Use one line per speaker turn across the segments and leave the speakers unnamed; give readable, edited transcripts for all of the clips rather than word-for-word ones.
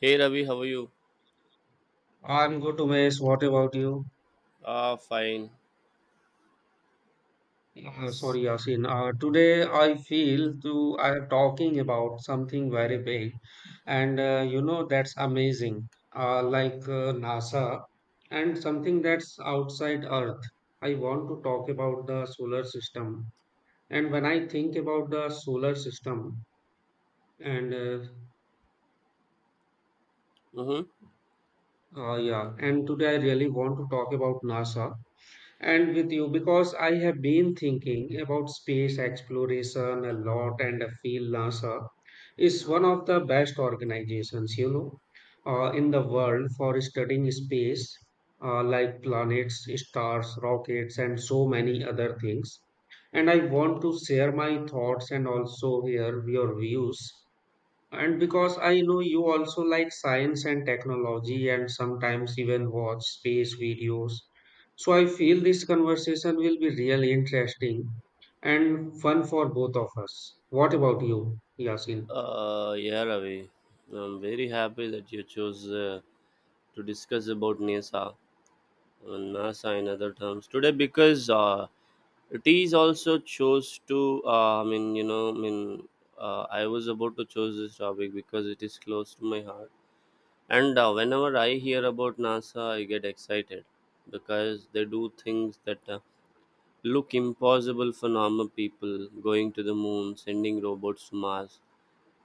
Hey Ravi, how are you?
I'm good, Umesh. What about you?
Ah, fine.
Sorry, Yasin. Today I feel to I am talking about something very big, and you know, that's amazing, NASA, and something that's outside Earth. I want to talk about the solar system, and when I think about the solar system, and
Mm-hmm.
yeah. And today I really want to talk about NASA and with you because I have been thinking about space exploration a lot, and I feel NASA is one of the best organizations, you know, in the world for studying space, like planets, stars, rockets, and so many other things. And I want to share my thoughts and also hear your views and because I know you also like science and technology and sometimes even watch space videos. So I feel this conversation will be really interesting and fun for both of us. What about you, Yasin?
Yeah, Ravi, I'm very happy that you chose to discuss about NASA and NASA in other terms today because it is also chose to. I was about to choose this topic because it is close to my heart, and whenever I hear about NASA, I get excited because they do things that look, impossible for normal people going to the moon, sending robots to Mars,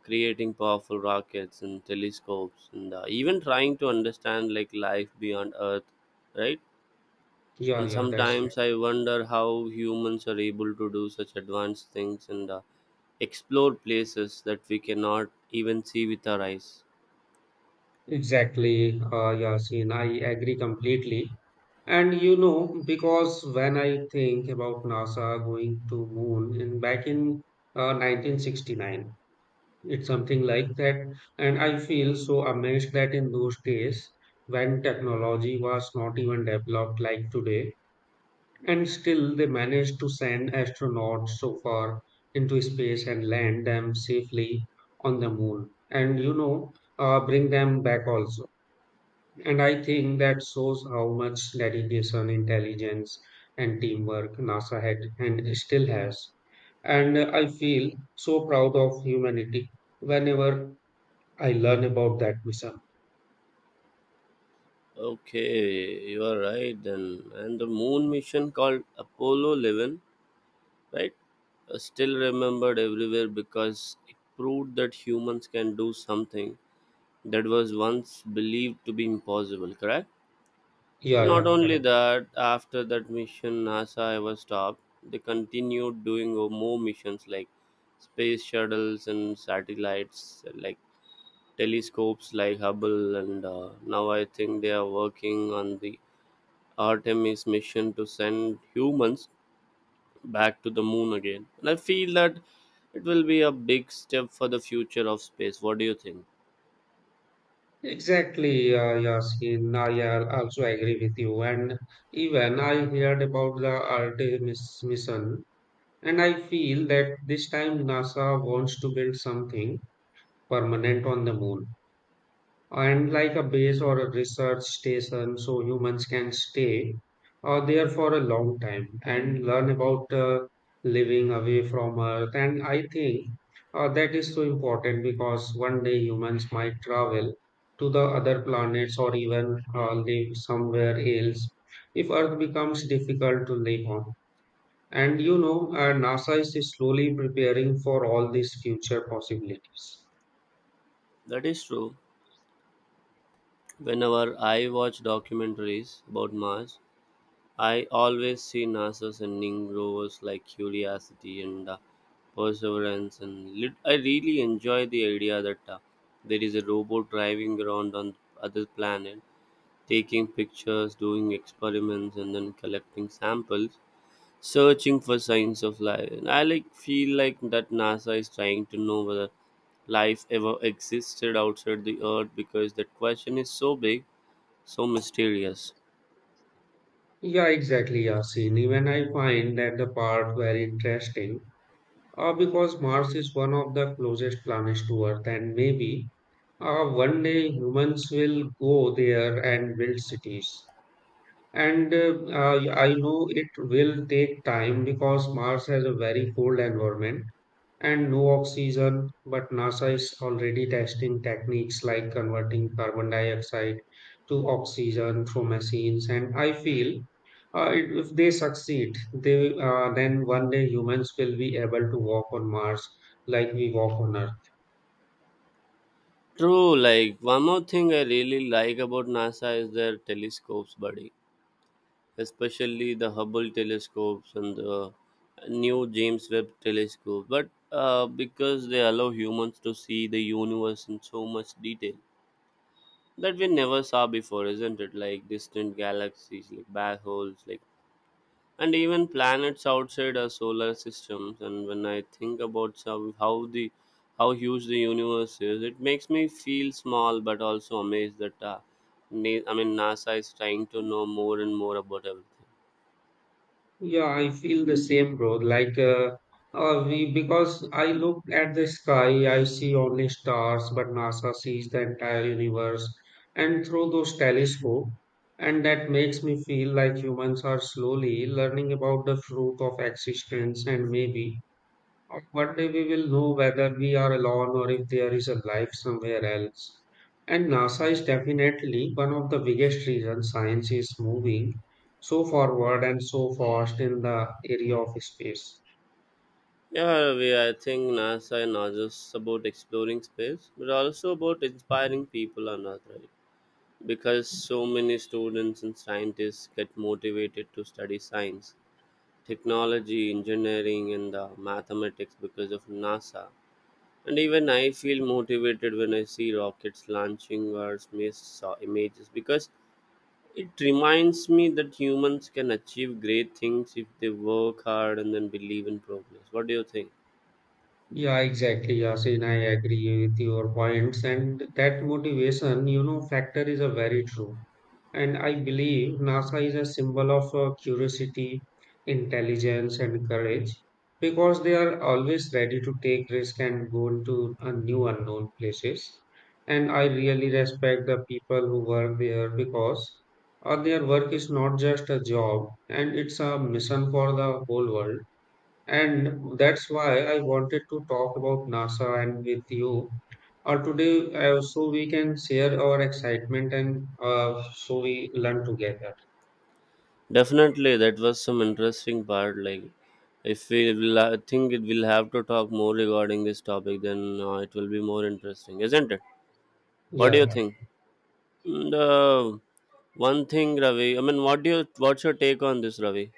creating powerful rockets and telescopes, and even trying to understand like life beyond Earth, right?
Yeah,
And
yeah, that's right.
sometimes I wonder how humans are able to do such advanced things and explore places that we cannot even see with our eyes.
Exactly, Yasin. I agree completely. And you know, because when I think about NASA going to moon in back in 1969. It's something like that. And I feel so amazed that in those days, when technology was not even developed like today, and still they managed to send astronauts so far into space and land them safely on the moon. And you know, bring them back also. And I think that shows how much dedication, intelligence, and teamwork NASA had and still has. And I feel so proud of humanity whenever I learn about that mission.
Okay, you are right then. And the moon mission called Apollo 11, right? Still remembered everywhere because it proved that humans can do something that was once believed to be impossible, correct?
Yeah,
Not
yeah,
only
correct.
that, after that mission, NASA ever stopped, they continued doing more missions like space shuttles and satellites, like telescopes like Hubble, and now I think they are working on the Artemis mission to send humans back to the moon again. And I feel that it will be a big step for the future of space. What do you think?
Exactly, yeah, Yasin. I also agree with you. And even I heard about the Artemis mission, and I feel that this time NASA wants to build something permanent on the moon, and like a base or a research station, so humans can stay there for a long time and learn about living away from earth. And I think that is so important because one day humans might travel to the other planets or even live somewhere else if earth becomes difficult to live on. And you know, nasa is slowly preparing for all these future possibilities.
That is true. Whenever I watch documentaries about Mars, I always see NASA sending rovers like Curiosity and Perseverance, and I really enjoy the idea that there is a robot driving around on other planet, taking pictures, doing experiments, and then collecting samples searching for signs of life. And I like feel like that NASA is trying to know whether life ever existed outside the Earth because that question is so big, so mysterious.
Yeah, exactly, Yasin. Even I find that the part very interesting because Mars is one of the closest planets to Earth, and maybe one day humans will go there and build cities. And I know it will take time because Mars has a very cold environment and no oxygen, but NASA is already testing techniques like converting carbon dioxide to oxygen through machines. And I feel if they succeed, they then one day humans will be able to walk on Mars like we walk on Earth.
True, like one more thing I really like about NASA is their telescopes, buddy. Especially the Hubble telescopes and the new James Webb telescope. But because they allow humans to see the universe in so much detail that we never saw before, isn't it? Like distant galaxies, like black holes, like and even planets outside our solar systems. And when I think about some, how the how huge the universe is, it makes me feel small, but also amazed that NASA is trying to know more and more about everything.
Yeah, I feel the same, bro. Like, we Because I look at the sky, I see only stars, but NASA sees the entire universe, and through those telescope, and that makes me feel like humans are slowly learning about the truth of existence, and maybe one day we will know whether we are alone or if there is a life somewhere else. And NASA is definitely one of the biggest reasons science is moving so forward and so fast in the area of space.
Yeah, we I think NASA is not just about exploring space, but also about inspiring people on Earth, right? Because so many students and scientists get motivated to study science, technology, engineering, and mathematics because of NASA. And even I feel motivated when I see rockets launching or space images because it reminds me that humans can achieve great things if they work hard and then believe in progress. What do you think?
Yeah, exactly, Yasin. I agree with your points, and that motivation, you know, factor is a very true. And I believe NASA is a symbol of curiosity, intelligence, and courage, because they are always ready to take risk and go into new unknown places. And I really respect the people who work there because their work is not just a job, and it's a mission for the whole world. And that's why I wanted to talk about NASA and with you today, so we can share our excitement and so we learn together.
Definitely, that was some interesting part. Like, if we will, I think it will have to talk more regarding this topic, then it will be more interesting, isn't it? What
Yeah,
do you
yeah.
think? And, uh, one thing, Ravi. I mean, what do you? What's your take on this, Ravi?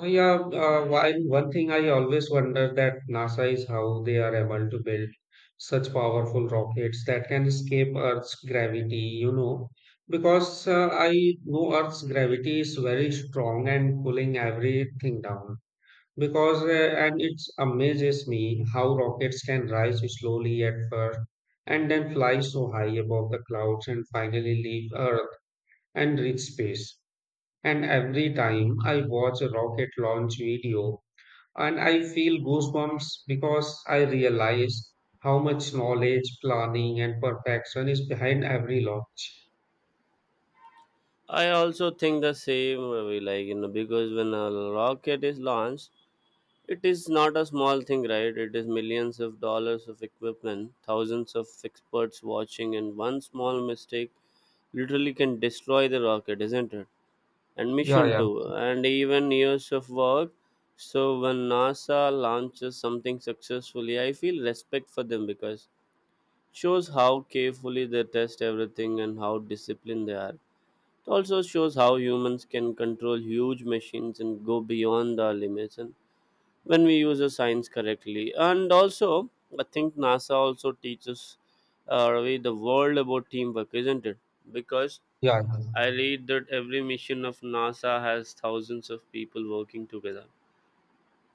Yeah, while one thing I always wonder that NASA is how they are able to build such powerful rockets that can escape Earth's gravity, you know, because I know Earth's gravity is very strong and pulling everything down. Because, and it amazes me how rockets can rise slowly at first and then fly so high above the clouds and finally leave Earth and reach space. And every time I watch a rocket launch video, and I feel goosebumps because I realize how much knowledge, planning, and perfection is behind every launch.
I also think the same, Ravi. Like, you know, because when a rocket is launched, it is not a small thing, right? It is millions of dollars of equipment, thousands of experts watching, and one small mistake literally can destroy the rocket, isn't it? And
Yeah,
mission
yeah,
too, and even years of work. So when NASA launches something successfully, I feel respect for them because it shows how carefully they test everything and how disciplined they are. It also shows how humans can control huge machines and go beyond our limits. And when we use the science correctly. And also, I think NASA also teaches Ravi, the world about teamwork, isn't it? Because
yeah, yeah.
I read that every mission of NASA has thousands of people working together.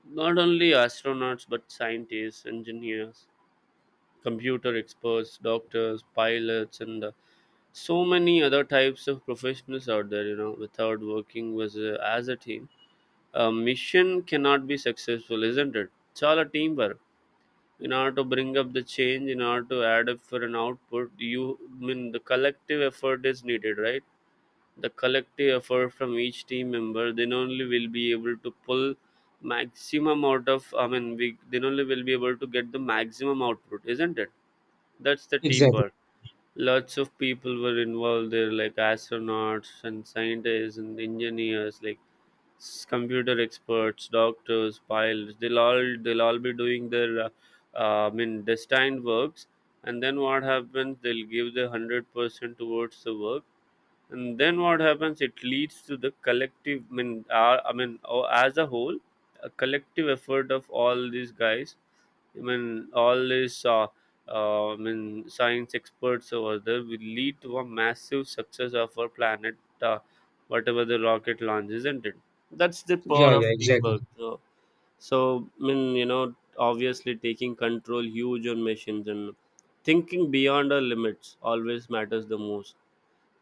Not only astronauts, but scientists, engineers, computer experts, doctors, pilots, and so many other types of professionals out there, you know, without working with, as a team. A mission cannot be successful, isn't it? It's all a teamwork in order to bring up the change, in order to add up for an output. You, I mean the collective effort is needed, right? The collective effort from each team member, then only will be able to pull maximum out of, I mean, we then only will be able to get the maximum output, isn't it? That's the
Exactly.
teamwork. Lots of people were involved there like astronauts and scientists and engineers like computer experts, doctors, pilots, they'll all be doing their destined works, and then what happens? They'll give the 100% towards the work, and then what happens, it leads to the collective, as a whole, a collective effort of all these guys, I mean all these science experts over there will lead to a massive success of our planet, uh, whatever the rocket launch, isn't it? That's the
Yeah,
power
yeah,
of
exactly.
teamwork. So, so I mean, you know, obviously taking control huge on machines and thinking beyond our limits always matters the most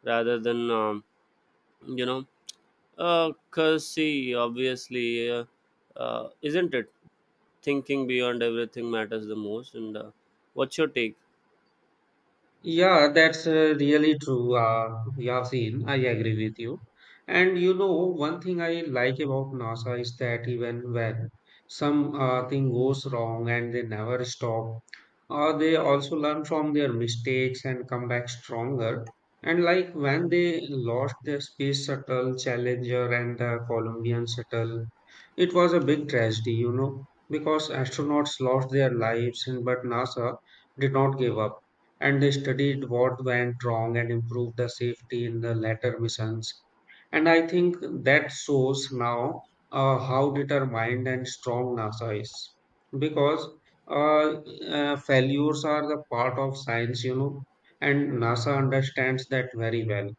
rather than you know cause see obviously, isn't it, thinking beyond everything matters the most. And what's your take?
Yeah, that's really true, you have seen. I agree with you. And you know, one thing I like about NASA is that even when some thing goes wrong, and they never stop, they also learn from their mistakes and come back stronger. And like when they lost the Space Shuttle Challenger and the Colombian Shuttle, it was a big tragedy, you know, because astronauts lost their lives, and but NASA did not give up, and they studied what went wrong and improved the safety in the latter missions. And I think that shows now how determined and strong NASA is, because uh, failures are the part of science, you know, and NASA understands that very well.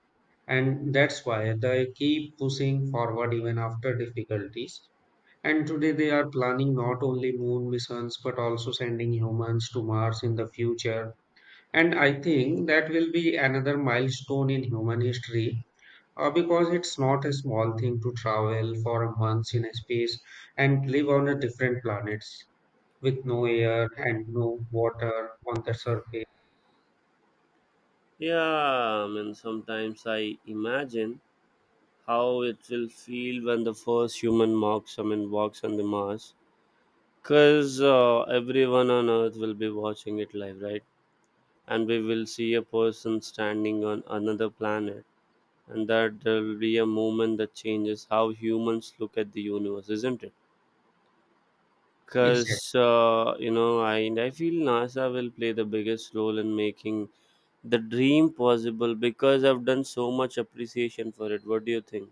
And that's why they keep pushing forward even after difficulties. And today they are planning not only moon missions but also sending humans to Mars in the future, and I think that will be another milestone in human history, because it's not a small thing to travel for months in a space and live on a different planets with no air and no water on the surface.
Yeah, I mean sometimes I imagine how it will feel when the first human walks, I mean walks on the Mars. Cause everyone on Earth will be watching it live, right? And we will see a person standing on another planet, and that there will be a moment that changes how humans look at the universe, isn't it?
Exactly.
Because you know, I feel NASA will play the biggest role in making the dream possible because I've done so much appreciation for it. What do you think?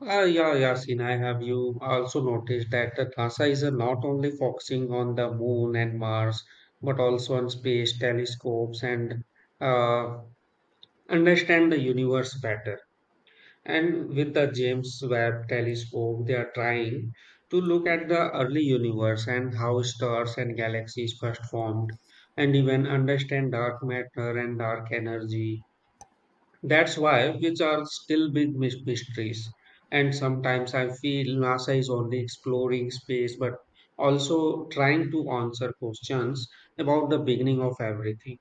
Yeah, Yasin, I have you also noticed that the NASA is not only focusing on the moon and Mars, but also on space telescopes and uh, understand the universe better. And with the James Webb telescope, they are trying to look at the early universe and how stars and galaxies first formed, and even understand dark matter and dark energy. That's why, which are still big mysteries. And sometimes I feel NASA is only exploring space but also trying to answer questions about the beginning of everything.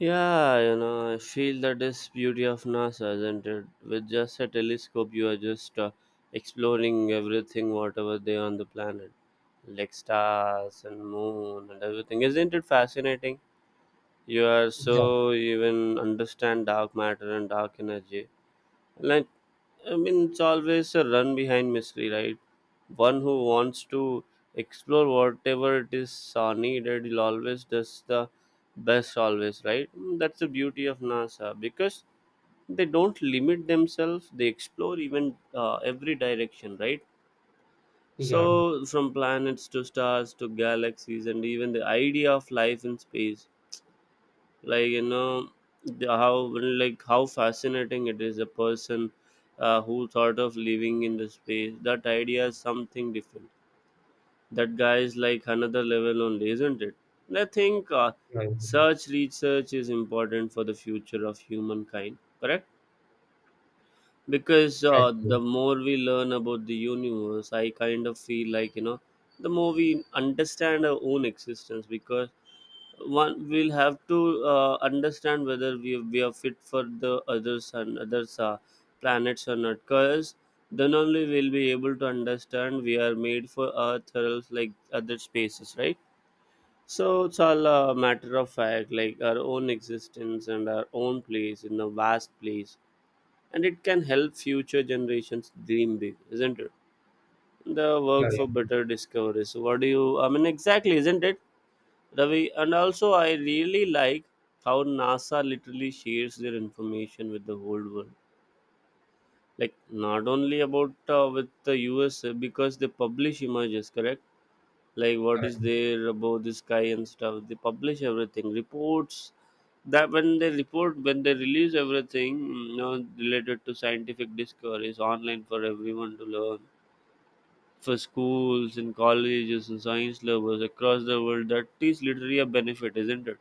Yeah, you know I feel that is beauty of NASA, isn't it? With just a telescope, you are just exploring everything, whatever they on the planet, like stars and moon and everything. Isn't it fascinating? You are
Yeah,
so even understand dark matter and dark energy. Like, I mean, it's always a run behind mystery, right? One who wants to explore whatever it is needed, he always does the best, always, right? Mm, that's the beauty of NASA because they don't limit themselves, they explore even every direction, right?
yeah,
So, from planets to stars to galaxies, and even the idea of life in space, like you know, the, how, like how fascinating it is, a person who thought of living in the space, that idea is something different, that guy is like another level only, isn't it? And I think
yeah,
such research is important for the future of humankind, correct? Because
exactly.
the more we learn about the universe, I kind of feel like, you know, the more we understand our own existence, because one we'll have to understand whether we are fit for the others and others planets or not, because then only we'll be able to understand we are made for Earth or else like other spaces, right? So it's all a matter of fact like our own existence and our own place in a vast place, and it can help future generations dream big, isn't it? The
Yeah,
work for
yeah,
better discoveries, what do you, I mean, exactly, isn't it? Ravi, and also I really like how NASA literally shares their information with the whole world. Like not only about with the US, because they publish images, correct? Like what is
correct.
there above the sky and stuff. They publish everything, reports. That when they report, when they release everything, mm, you know, related to scientific discoveries online for everyone to learn, for schools and colleges and science lovers across the world, that is literally a benefit, isn't it?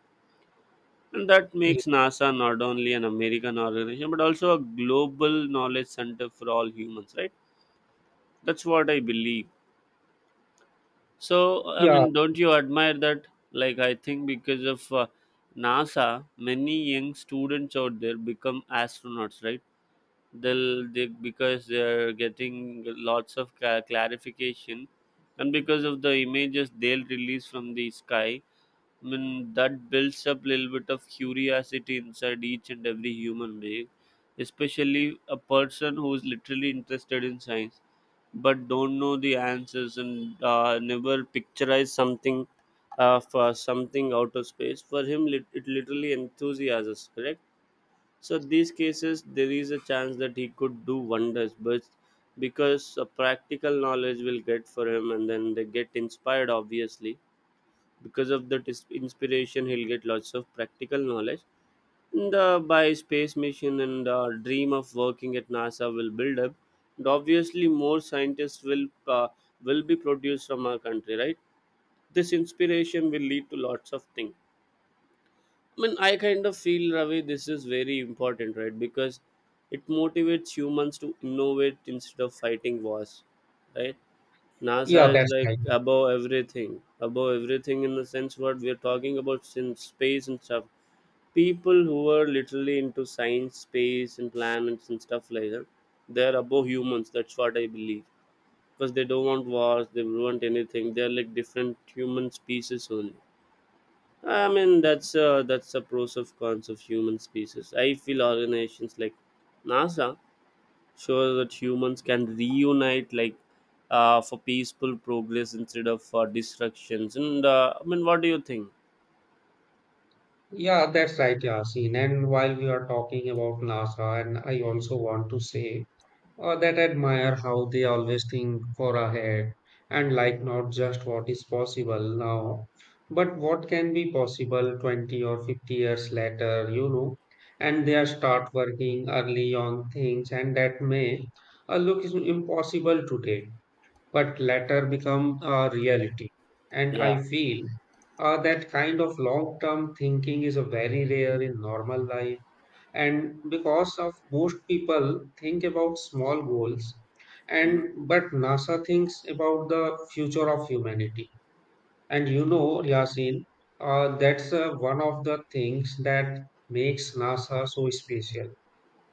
And that makes NASA not only an American organization, but also a global knowledge center for all humans, right? That's what I believe. So, I
Yeah,
mean, don't you admire that? Like, I think because of NASA, many young students out there become astronauts, right? They'll they because they're getting lots of clarification, and because of the images they'll release from the sky, I mean, that builds up a little bit of curiosity inside each and every human being, especially a person who is literally interested in science but don't know the answers, and never picturize something for something out of space. For him, it literally enthusiasms, correct? So these cases, there is a chance that he could do wonders, but because a practical knowledge will get for him, and then they get inspired, obviously because of inspiration he'll get lots of practical knowledge and by space mission and dream of working at NASA will build up, and obviously more scientists uh, will be produced from our country, right? This inspiration will lead to lots of things. I mean, I kind of feel, Ravi, this is very important, right? Because it motivates humans to innovate instead of fighting wars, right? NASA
yeah,
is
that's
like
right.
above everything, above everything, in the sense what we are talking about since space and stuff. People who are literally into science, space, and planets and stuff like that, they're above humans. That's what I believe, because they don't want wars, they don't want anything. They're like different human species only. I mean, that's the pros of cons of human species. I feel organizations like NASA sure that humans can reunite, like for peaceful progress instead of destructions, and I mean, what do you think?
Yeah, that's right, Yasin. And while we are talking about NASA, and I also want to say that I admire how they always think for ahead, and like not just what is possible now, but what can be possible 20 or 50 years later, you know. And they are start working early on things and that may look is impossible today but later become a reality. And
Yeah.
I feel that kind of long term thinking is a very rare in normal life. And because of most people think about small goals,
Hmm.
and but NASA thinks about the future of humanity. And you know, Yasin, that's one of the things that makes NASA so special,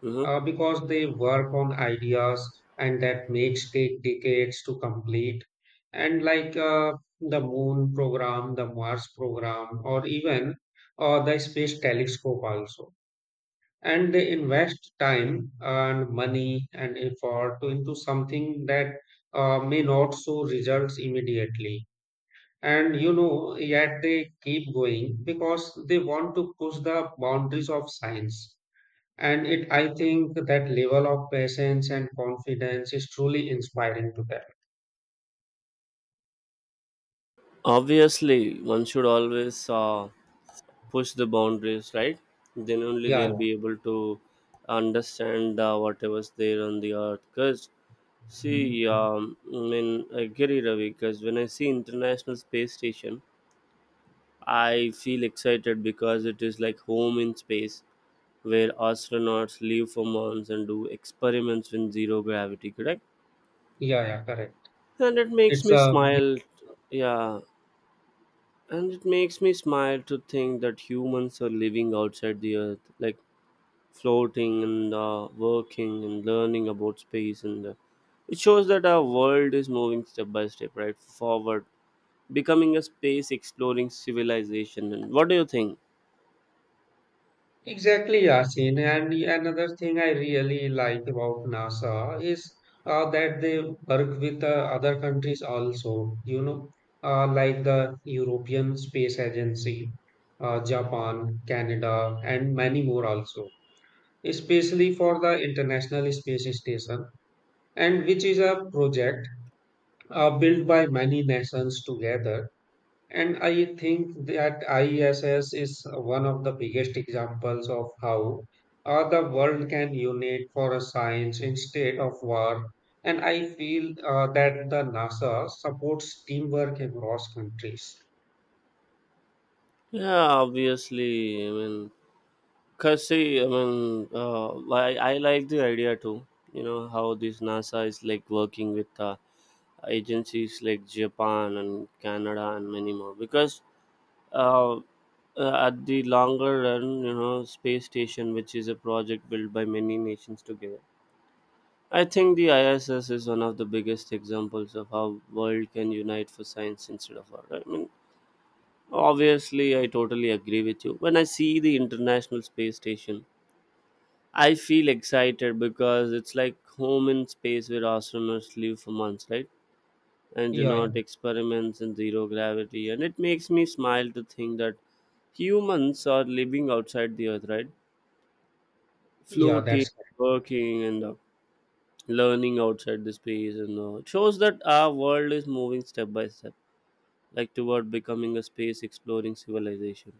Hmm.
because they work on ideas and that makes take decades to complete, and like the moon program, the mars program, or even the space telescope also. And they invest time and money and effort into something that may not show results immediately, and you know, yet they keep going because they want to push the boundaries of science. And it, I think that level of patience and confidence is truly inspiring to them.
Obviously, one should always push the boundaries, right? Then only
Yeah,
they'll be able to understand whatever's there on the Earth, because see,
yeah,
I mean, I get it, Ravi, because when I see International Space Station, I feel excited because it is like home in space where astronauts leave for months and do experiments in zero gravity, correct?
yeah, yeah, correct.
And it makes
It's
me
a
smile. Yeah, and it makes me smile to think that humans are living outside the Earth, like floating and working and learning about space. And it shows that our world is moving step by step, right, forward, becoming a space exploring civilization. And what do you think?
exactly Yasin. And another thing I really like about NASA is that they work with other countries also. You know, like the European Space Agency, Japan, Canada, and many more also. Especially for the International Space Station, and which is a project, built by many nations together. And I think that IESS is one of the biggest examples of how the world can unite for a science instead of war. And I feel that the NASA supports teamwork across countries.
Yeah, obviously. I mean, cause see, I mean, like I like the idea too. You know how this NASA is like working with agencies like Japan and Canada and many more. Because uh, uh, at the longer run, you know, space station, which is a project built by many nations together. I think the ISS is one of the biggest examples of how world can unite for science instead of war. I mean, obviously, I totally agree with you. When I see the International Space Station, I feel excited because it's like home in space where astronauts live for months, right? And do
Yeah,
not experiments in zero gravity. And it makes me smile to think that humans are living outside the Earth, right?
yeah,
Floating,
that's
working, and learning outside the space. And it shows that our world is moving step by step, like toward becoming a space exploring civilization.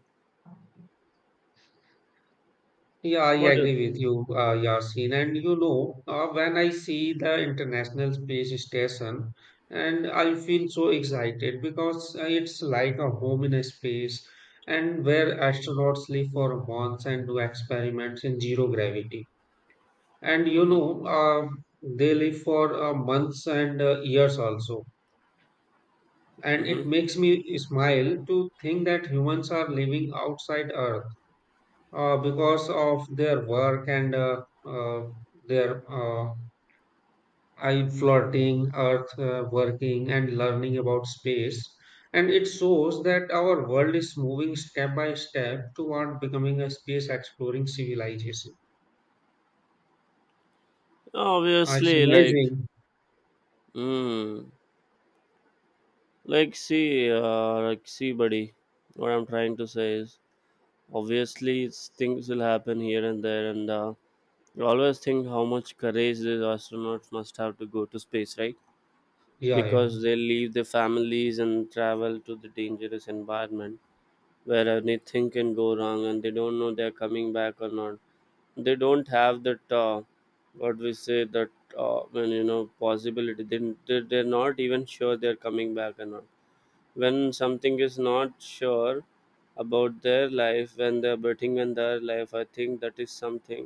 Yeah, I
What?
agree with you, Yasin. And you know, when I see the International Space Station, and I feel so excited because it's like a home in a space, and where astronauts live for months and do experiments in zero gravity. And you
Mm-hmm,
know, they live for months and years also. And it
mm-hmm.
makes me smile to think that humans are living outside Earth because of their work and uh, their eye flirting, earth working, and learning about space. And it shows that our world is moving step by step toward becoming a space exploring civilization. It's
Obviously, like.
amazing.
Mm. Like, see, buddy. What I'm trying to say is, obviously, things will happen here and there, and you always think how much courage these astronauts must have to go to space, right?
Yeah, yeah,
Because they leave their families and travel to the dangerous environment where anything can go wrong, and they don't know they're coming back or not. They don't have that, what we say, that when you know possibility. They're not even sure they're coming back or not, when something is not sure about their life, when they're betting on their life. I think that is something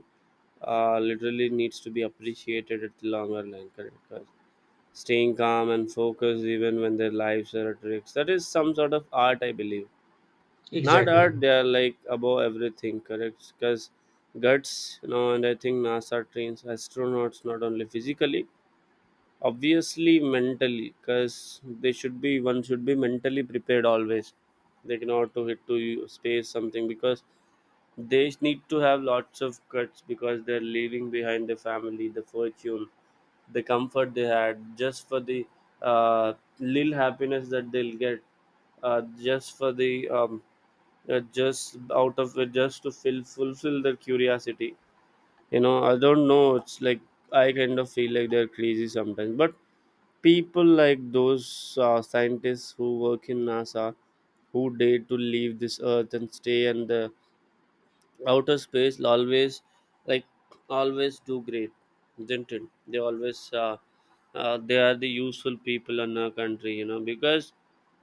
literally needs to be appreciated at the longer line, correct, correct. Staying calm and focused even when their lives are at risk, that is some sort of art, I believe. Not
exactly.
art, they are like above everything, correct? Because guts, you know. And I think NASA trains astronauts not only physically, obviously mentally, because they should be, one should be mentally prepared always. They cannot to hit to space something, because they need to have lots of cuts, because they're leaving behind the family, the fortune, the comfort they had, just for the uh, little happiness that they'll get, just for the just out of it, just to fill fulfill their curiosity. You know, I don't know, it's like I kind of feel like they're crazy sometimes. But people like those scientists who work in NASA, who dare to leave this earth and stay in the outer space always, like always do great, isn't it? They always they are the useful people in our country, you know, because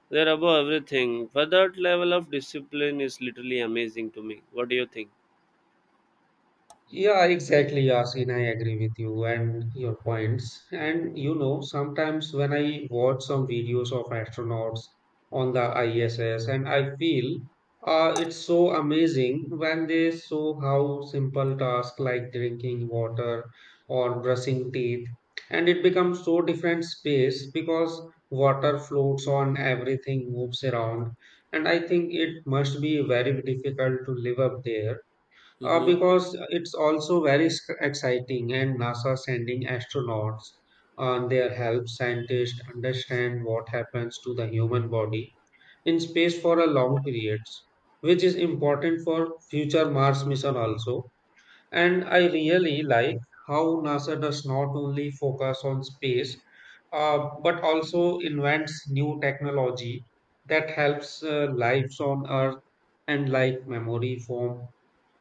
they're above everything. For that level of discipline is literally amazing to me. What do you think?
Yeah, exactly, Yasin. I agree with you and your points. And you know, sometimes when I watch some videos of astronauts on the ISS, and I feel it's so amazing when they show how simple tasks like drinking water or brushing teeth, and it becomes so different space, because water floats on, everything moves around, and I think it must be very difficult to live up there,
Hmm.
because it's also very exciting, and NASA sending astronauts on their help scientists understand what happens to the human body in space for a long periods, which is important for future Mars mission also. And I really like how NASA does not only focus on space, but also invents new technology that helps lives on Earth, and like memory foam,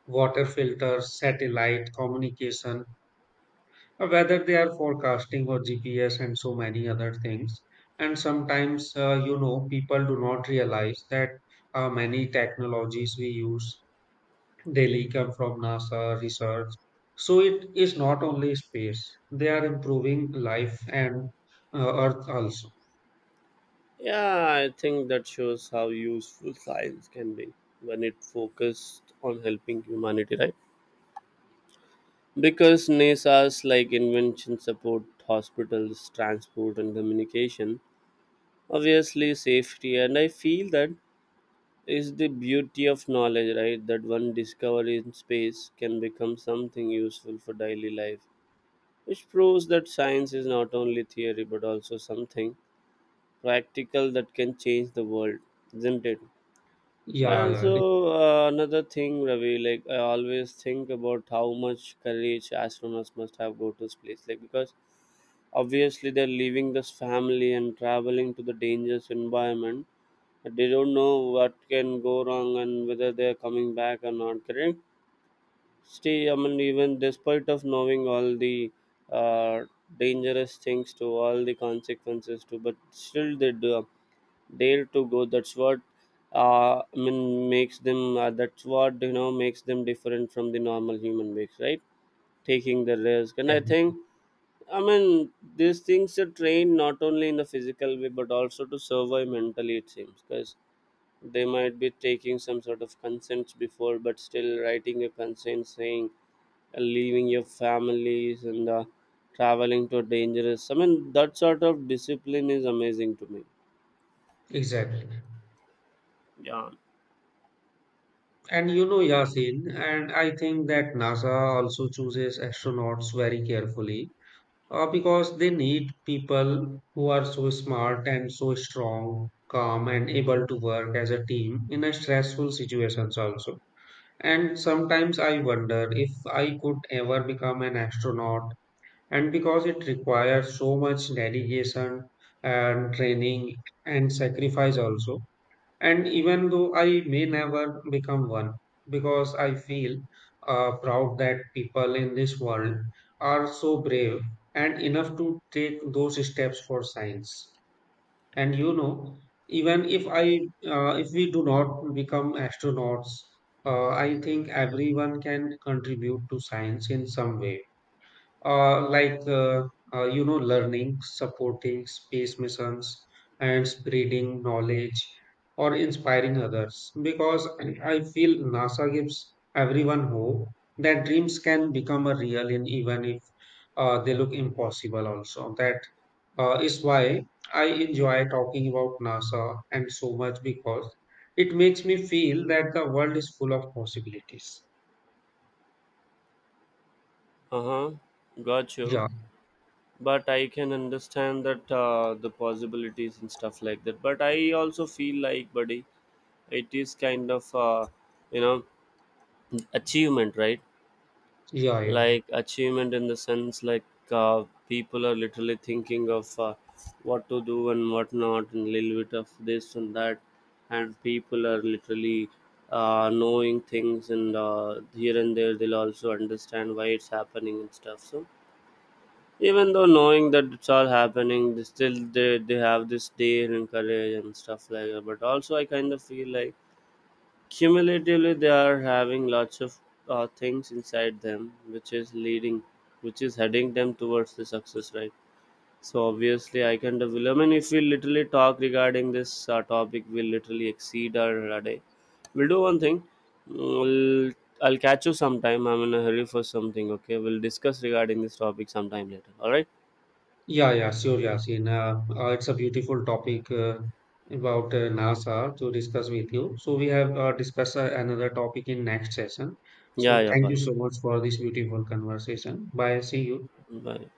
water filters, satellite communication, whether they are forecasting or GPS, and so many other things. And sometimes, you know, people do not realize that many technologies we use daily come from NASA research. So it is not only space, they are improving life and Earth also.
Yeah, I think that shows how useful science can be when it focused on helping humanity, right? Because NASA's like invention support hospitals, transport and communication, obviously safety, and I feel that is the beauty of knowledge, right? That one discovery in space can become something useful for daily life. Which proves that science is not only theory but also something practical that can change the world, isn't it?
Yeah,
And
yeah,
so another thing, Ravi, like I always think about how much courage astronauts must have go to space, like because obviously they're leaving this family and traveling to the dangerous environment. But they don't know what can go wrong and whether they're coming back or not, correct? Still, I mean, even despite of knowing all the uh, dangerous things to all the consequences to, but still they do. Dale to go. That's what I mean makes them. That's what you know makes them different from the normal human beings, right? Taking the risk, and I
exactly.
think, I mean, these things are trained not only in the physical way but also to survive mentally. It seems because they might be taking some sort of consents before, but still writing a consent saying leaving your families and traveling to dangerous. I mean that sort of discipline is amazing to me.
Exactly.
Yeah.
And you know, Yasin, and I think that NASA also chooses astronauts very carefully. Because they need people who are so smart and so strong, calm, and able to work as a team in a stressful situations also. And sometimes I wonder if I could ever become an astronaut, and because it requires so much dedication and training and sacrifice also. And even though I may never become one, because I feel proud that people in this world are so brave and enough to take those steps for science. And you know, even if I, if we do not become astronauts, I think everyone can contribute to science in some way, uh, like uh, you know, learning, supporting space missions and spreading knowledge or inspiring others, because I feel nasa gives everyone hope that dreams can become a real, and even if they look impossible also. That is why I enjoy talking about nasa and so much because it makes me feel that the world is full of possibilities.
Uh-huh. Got you.
Yeah,
But I can understand that the possibilities and stuff like that. But I also feel like, buddy, it is kind of you know achievement, right?
yeah, yeah.
Like achievement in the sense like uh, people are literally thinking of what to do and what not, and little bit of this and that, and people are literally knowing things and here and there they'll also understand why it's happening and stuff. So even though knowing that it's all happening, they still they have this day and courage and stuff like that. But also I kind of feel like cumulatively they are having lots of things inside them, which is heading them towards the success, right? So obviously I kind of will I mean, if we literally talk regarding this topic, we'll literally exceed our day. We'll do one thing. Mm, we'll, I'll catch you sometime, I'm in a hurry for something. Okay, we'll discuss regarding this topic sometime later, all right?
Yeah, yeah, sure, Yasin. It's a beautiful topic about NASA to discuss with you. So we have discussed another topic in next session.
Yeah,
So
yeah,
thank you
bye.
so much for this beautiful conversation. Bye. See you.
Bye.